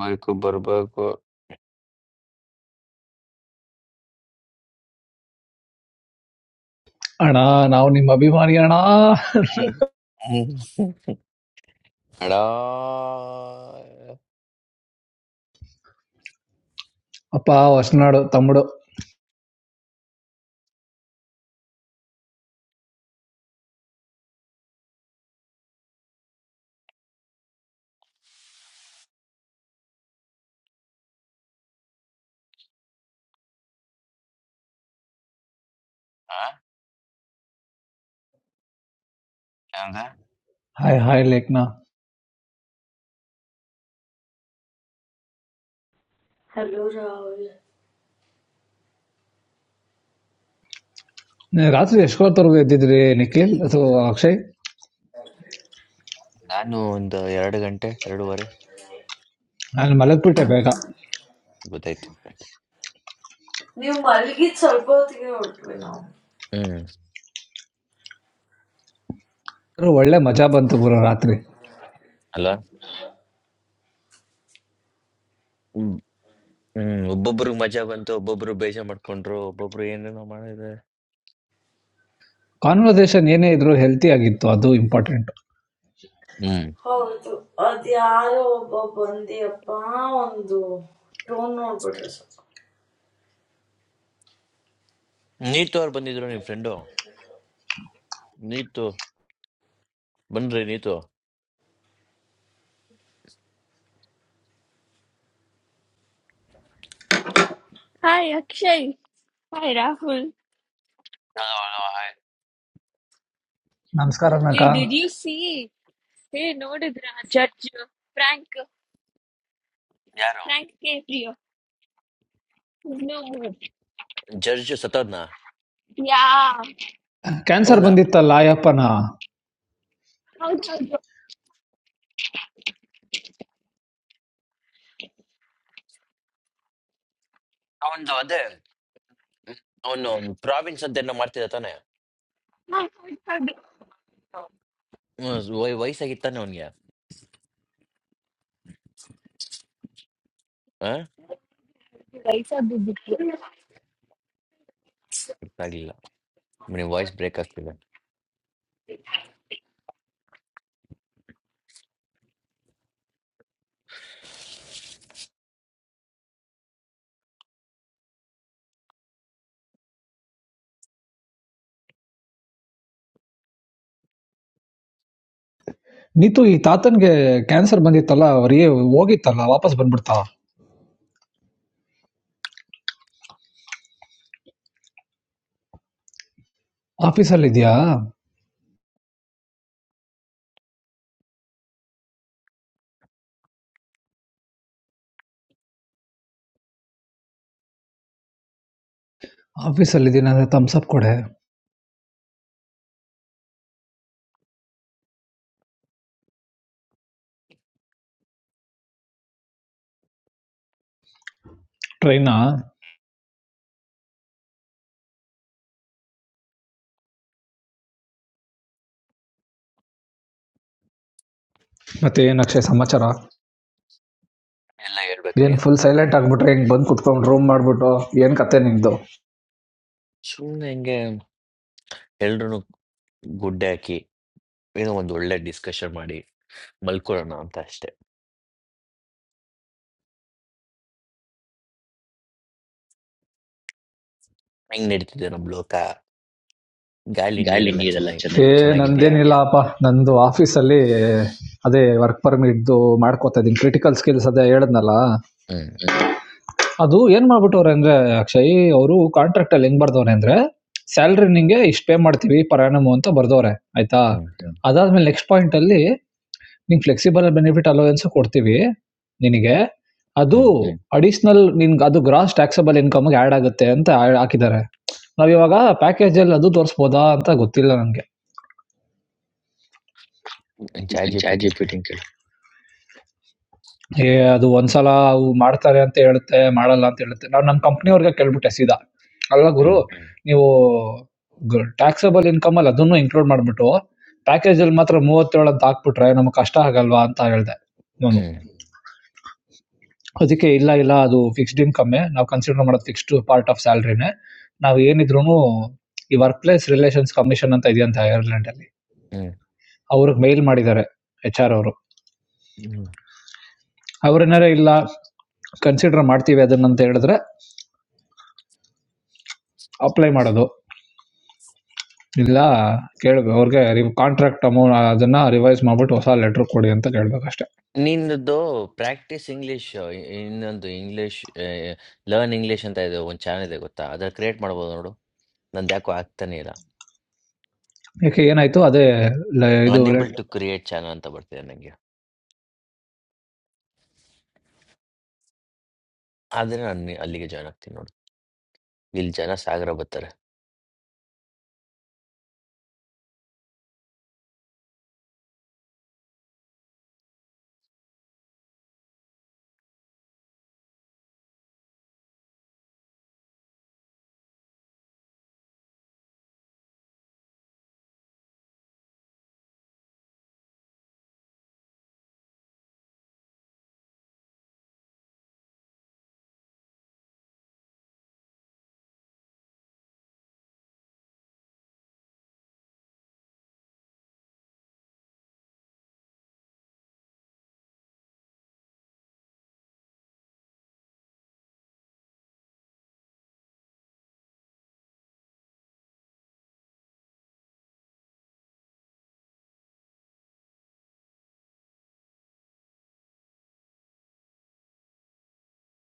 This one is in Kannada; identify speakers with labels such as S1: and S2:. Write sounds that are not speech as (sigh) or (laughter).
S1: ಬರ್ಬೇಕು ಬರ್ಬೇಕು
S2: అన్నా నా నిమ్మ అభిమాని అన్నా
S1: ಹ್ಮ್. ಅಡಾ
S2: ಅಪ್ಪ ಹೊಸನಾಡು ತಮ್ಮಡು
S1: ಆ? ಏನಂದ (laughs)
S2: hi hi Lekhana
S3: Hello, Rahul.
S2: ರಾತ್ರಿ ಎಷ್ಟೊತ್ತವರೆಗೂ ಎದ್ದಿದ್ರಿ ನಿಖಿಲ್ ಅಥವಾ ಅಕ್ಷಯ್
S1: ನಾನು ಒಂದು ಎರಡು ಗಂಟೆ ಎರಡೂವರೆ
S2: ನಾನು ಮಲಗ್ಬಿಟ್ಟೆ ಬೇಗ
S1: ಗೊತ್ತಾಯ್ತು
S3: You are very good at solving problems.
S1: ಹ್ಮ್
S2: ಒಳ್ಳೆ ಮಜಾ ಬಂತು ಗುರು ರಾತ್ರಿ
S1: ಅಲ್ವಾ ಹ್ಮ್ ಹ್ಮ್ ಒಬ್ಬೊಬ್ರು ಮಜಾ ಬಂತು ಒಬ್ಬೊಬ್ರು ಬೇಜಾರ್ ಮಾಡ್ಕೊಂಡ್ರು ಒಬ್ಬೊಬ್ರು ಏನೇನೋ ಮಾಡಿದ್ರೆ
S2: ಕಾನ್ವರ್ಸೇಷನ್ ಏನೇ ಇದ್ರು ಹೆಲ್ತಿ ಆಗಿತ್ತು ಅದು ಇಂಪಾರ್ಟೆಂಟ್
S1: ಹ್ಮ್
S3: How to Adiaro Babandi upon do I know? Don't know. but
S1: Neetu ಅವ್ರು ಬಂದಿದ್ರು ನಿಮ್ ಫ್ರೆಂಡು ನೀತು ಬಂದ್ರಿ Neetu
S4: Hi Akshay. Hi Rahul.
S1: Hello, hello, hi.
S2: ನಮಸ್ಕಾರ ನಕ
S4: Hey, did you see? Hey, noted Ra- Judge Frank
S1: ಯಾರು
S4: Frank Caprio. is No more.
S1: Judge ಸತ್ತೋದ್ನ
S4: Yeah.
S2: ಕ್ಯಾನ್ಸರ್
S1: ಹೌದಾ
S2: ಬಂದಿತ್ತಲ್ಲ ಅಯ್ಯಪ್ಪನ
S4: How's about you?
S1: ಅವನ್ದು ಅದೇ ಅವನು ಪ್ರಾವಿನ್ಸ್ ಅಂತ ಏನೋ ಮಾಡ್ತಿದ್ದ ತಾನೆ ಹ್ಮ್, ವಯ್- ವಯಸ್ಸಾಗಿತ್ತು ತಾನೆ ಅವನ್ಗೆ ಆಗ್ಲಿಲ್ಲ ನಿಮ್ ವಾಯ್ಸ್ ಬ್ರೇಕ್ ಆಗ್ತಿದೆ
S2: ನೀತು ಈ ತಾತನ್ಗೆ ಕ್ಯಾನ್ಸರ್ ಬಂದಿತ್ತಲ್ಲ ಅವರಿಗೆ ಹೋಗಿತ್ತಲ್ಲ ವಾಪಸ್ ಬಂದ್ಬಿಡ್ತಾ ಆಫೀಸಲ್ಲಿ ಇದೆಯಾ ಆಫೀಸಲ್ಲಿ ಇದೀನಿ ಅಂದ್ರೆ ತಮ್ಸಪ್ ಕೊಡೆ ಟ್ರೈನಾ ಮತ್ತೆ ಏನು ಅಕ್ಷಯ್ ಸಮಾಚಾರ
S1: ಎಲ್ಲ
S2: ಏನ್
S1: ಹೇಳ್ಬೇಕ್ರಿ
S2: ಫುಲ್ ಸೈಲೆಂಟ್ ಆಗ್ಬಿಟ್ರೆ ಹಿಂಗ್ ಬಂದ್ ಕುತ್ಕೊಂಡ್ ರೂಮ್ ಮಾಡ್ಬಿಟ್ಟು ಏನ್ ಕತೆ ನಿಮ್ದು
S1: ಸುಮ್ಮನೆ ಹಿಂಗೆ ಎಲ್ರು ಗುಡ್ಡೆ ಹಾಕಿ ಏನೋ ಒಂದು ಒಳ್ಳೆ ಡಿಸ್ಕಷನ್ ಮಾಡಿ ಮಲ್ಕೊಳ್ಳೋಣ ಅಂತ ಅಷ್ಟೇ ಹೆಂಗ್ ನಡೀತಿದೆ ನಮ್ ಲೋಕ ಗಾಳಿ
S2: ಗಾಳಿ
S1: ನೀರೆಲ್ಲ
S2: ನೀರೆಲ್ಲ
S1: ಚೆನ್ನಾಗಿ
S2: ಚೆನ್ನಾಗಿ ಏ
S1: ಚೆನ್ನಾಗಿದ್ಯಾ
S2: ನಂದೇನಿಲ್ಲಪ್ಪ ನಂದು ಆಫೀಸ್ ಅಲ್ಲಿ ಅದೇ ವರ್ಕ್ ಪರ್ಮಿಟ್ ಇದ್ದು ಮಾಡ್ಕೋತಾ ಇದೀನಿ ಕ್ರಿಟಿಕಲ್ ಸ್ಕಿಲ್ಸ್ ಅದೇ ಹೇಳದ್ನಲ್ಲ
S1: ಹ್ಮ್
S2: ಅದು ಏನ್ ಮಾಡ್ಬಿಟ್ಟವ್ರೆ ಅಂದ್ರೆ ಅಕ್ಷಯ್ ಅವರು ಕಾಂಟ್ರಾಕ್ಟ್ ಅಲ್ಲಿ ಹೆಂಗ್ ಬರ್ದವ್ರೆ ಅಂದ್ರೆ ಸ್ಯಾಲ್ರಿ ನಿಂಗೆ ಇಷ್ಟು ಪೇ ಮಾಡ್ತೀವಿ ಪರ್ ಅಂತ ಬರ್ದವ್ರೆ ಆಯ್ತಾ
S1: ಹ್ಮ್
S2: ಅದಾದ್ಮೇಲೆ ನೆಕ್ಸ್ಟ್ ಪಾಯಿಂಟ್ ಅಲ್ಲಿ ನಿಂಗೆ ಫ್ಲೆಕ್ಸಿಬಲ್ ಬೆನಿಫಿಟ್ ಅಲೋವೆನ್ಸ್ ಕೊಡ್ತೀವಿ ನಿನಗೆ ಅದು
S1: ಹ್ಮ್
S2: ಅಡಿಷನಲ್ ನಿನ್ಗೆ ಅದು ಗ್ರಾಸ್ ಟ್ಯಾಕ್ಸಬಲ್ ಇನ್ಕಮ್ಗೆ ಆ್ಯಡ್ ಆಗುತ್ತೆ ಅಂತ ಹಾಕಿದ್ದಾರೆ ನಾವಿವಾಗ ಪ್ಯಾಕೇಜಲ್ಲಿ ಅದು ತೋರಿಸ್ಬೋದಾ ಅಂತ ಗೊತ್ತಿಲ್ಲ ನಂಗೆ.
S1: ಚಾಟ್ ಜಿ ಪಿ
S2: ಚಾಟ್
S1: ಟಿಂಗ್ ಕೇಳು
S2: ಜಿಪಿಟಿ ಕೇಳು ಏ ಅದು ಒಂದ್ಸಲ ಅವು ಮಾಡ್ತಾರೆ ಅಂತ ಹೇಳುತ್ತೆ ಮಾಡಲ್ಲ ಅಂತ ಹೇಳುತ್ತೆ. ನಾನ್ ನಮ್ ಕಂಪ್ನಿಯವ್ರಿಗೆ ಕೇಳ್ಬಿಟ್ಟೆ ಸೀದಾ. ಅಲ್ಲ ಗುರು
S1: ಹ್ಮ್
S2: ನೀವು ಟ್ಯಾಕ್ಸೇಬಲ್ ಇನ್ಕಮ್ ಅಲ್ಲಿ ಅದನ್ನು ಇನ್ಕ್ಲೂಡ್ ಮಾಡ್ಬಿಟ್ಟು ಪ್ಯಾಕೇಜ್ ಅಲ್ಲಿ ಮಾತ್ರ ಮೂವತ್ತೇಳು ಅಂತ ಹಾಕ್ಬಿಟ್ರೆ ನಮ್ಗೆ ಕಷ್ಟ ಆಗಲ್ವಾ ಅಂತ ಹೇಳ್ದೆ ನಾನು
S1: ಹ್ಮ್
S2: ಅದಕ್ಕೆ ಇಲ್ಲ ಇಲ್ಲ ಅದು ಫಿಕ್ಸ್ಡ್ ಇನ್ಕಮ್ಮೆ ನಾವು ಕನ್ಸಿಡರ್ ಮಾಡೋದು ಫಿಕ್ಸ್ಡ್ ಪಾರ್ಟ್ ಆಫ್ ಸ್ಯಾಲ್ರಿನೇ ನಾವು ಏನಿದ್ರು ಈ ವರ್ಕ್ ಪ್ಲೇಸ್ ರಿಲೇಷನ್ಸ್ ಕಮಿಷನ್ ಅಂತ ಇದೆಯಂತ ಐರ್ಲೆಂಡ್ ಅಲ್ಲಿ
S1: ಹ್ಮ್
S2: ಅವ್ರಿಗೆ ಮೇಲ್ ಮಾಡಿದ್ದಾರೆ ಎಚ್ ಆರ್ ಅವರು
S1: ಹ್ಮ್
S2: ಅವ್ರೇನಾರ ಇಲ್ಲ ಕನ್ಸಿಡರ್ ಮಾಡ್ತೀವಿ ಅದನ್ನ ಅಂತ ಹೇಳಿದ್ರೆ ಅಪ್ಲೈ ಮಾಡೋದು ಇಲ್ಲ ಕೇಳಬೇಕು ಅವ್ರಿಗೆ ಕಾಂಟ್ರಾಕ್ಟ್ ಅಮೌಂಟ್ ಅದನ್ನು ರಿವೈಸ್ ಮಾಡಿಬಿಟ್ಟು ಹೊಸ ಲೆಟ್ರ್ ಕೊಡಿ ಅಂತ ಕೇಳಬೇಕಷ್ಟೆ
S1: ನಿಂದು ಪ್ರಾಕ್ಟೀಸ್ ಇಂಗ್ಲಿಷ್ ಇನ್ನೊಂದು ಇಂಗ್ಲಿಷ್ ಲರ್ನ್ ಇಂಗ್ಲಿಷ್ ಅಂತ ಇದೆ ಒಂದು ಚಾನಲ್ ಇದೆ ಗೊತ್ತಾ ಅದ್ರ ಕ್ರಿಯೇಟ್ ಮಾಡ್ಬೋದು ನೋಡು ನಂದು ಯಾಕೋ ಆಗ್ತಾನೆ ಇಲ್ಲ
S2: ಯಾಕೆ ಏನಾಯಿತು ಅದೇ ಇದು
S1: ಅನ್ಏಬಲ್ ಟು ಕ್ರಿಯೇಟ್ ಚಾನಲ್ ಅಂತ ಬರ್ತಿದೆ ನಂಗೆ ಆದ್ರೆ ನಾನು ಅಲ್ಲಿಗೆ ಜಾಯ್ನ್ ಆಗ್ತೀನಿ ನೋಡು. ಇಲ್ಲಿ ಜನ ಸಾಗರ ಬರ್ತಾರೆ.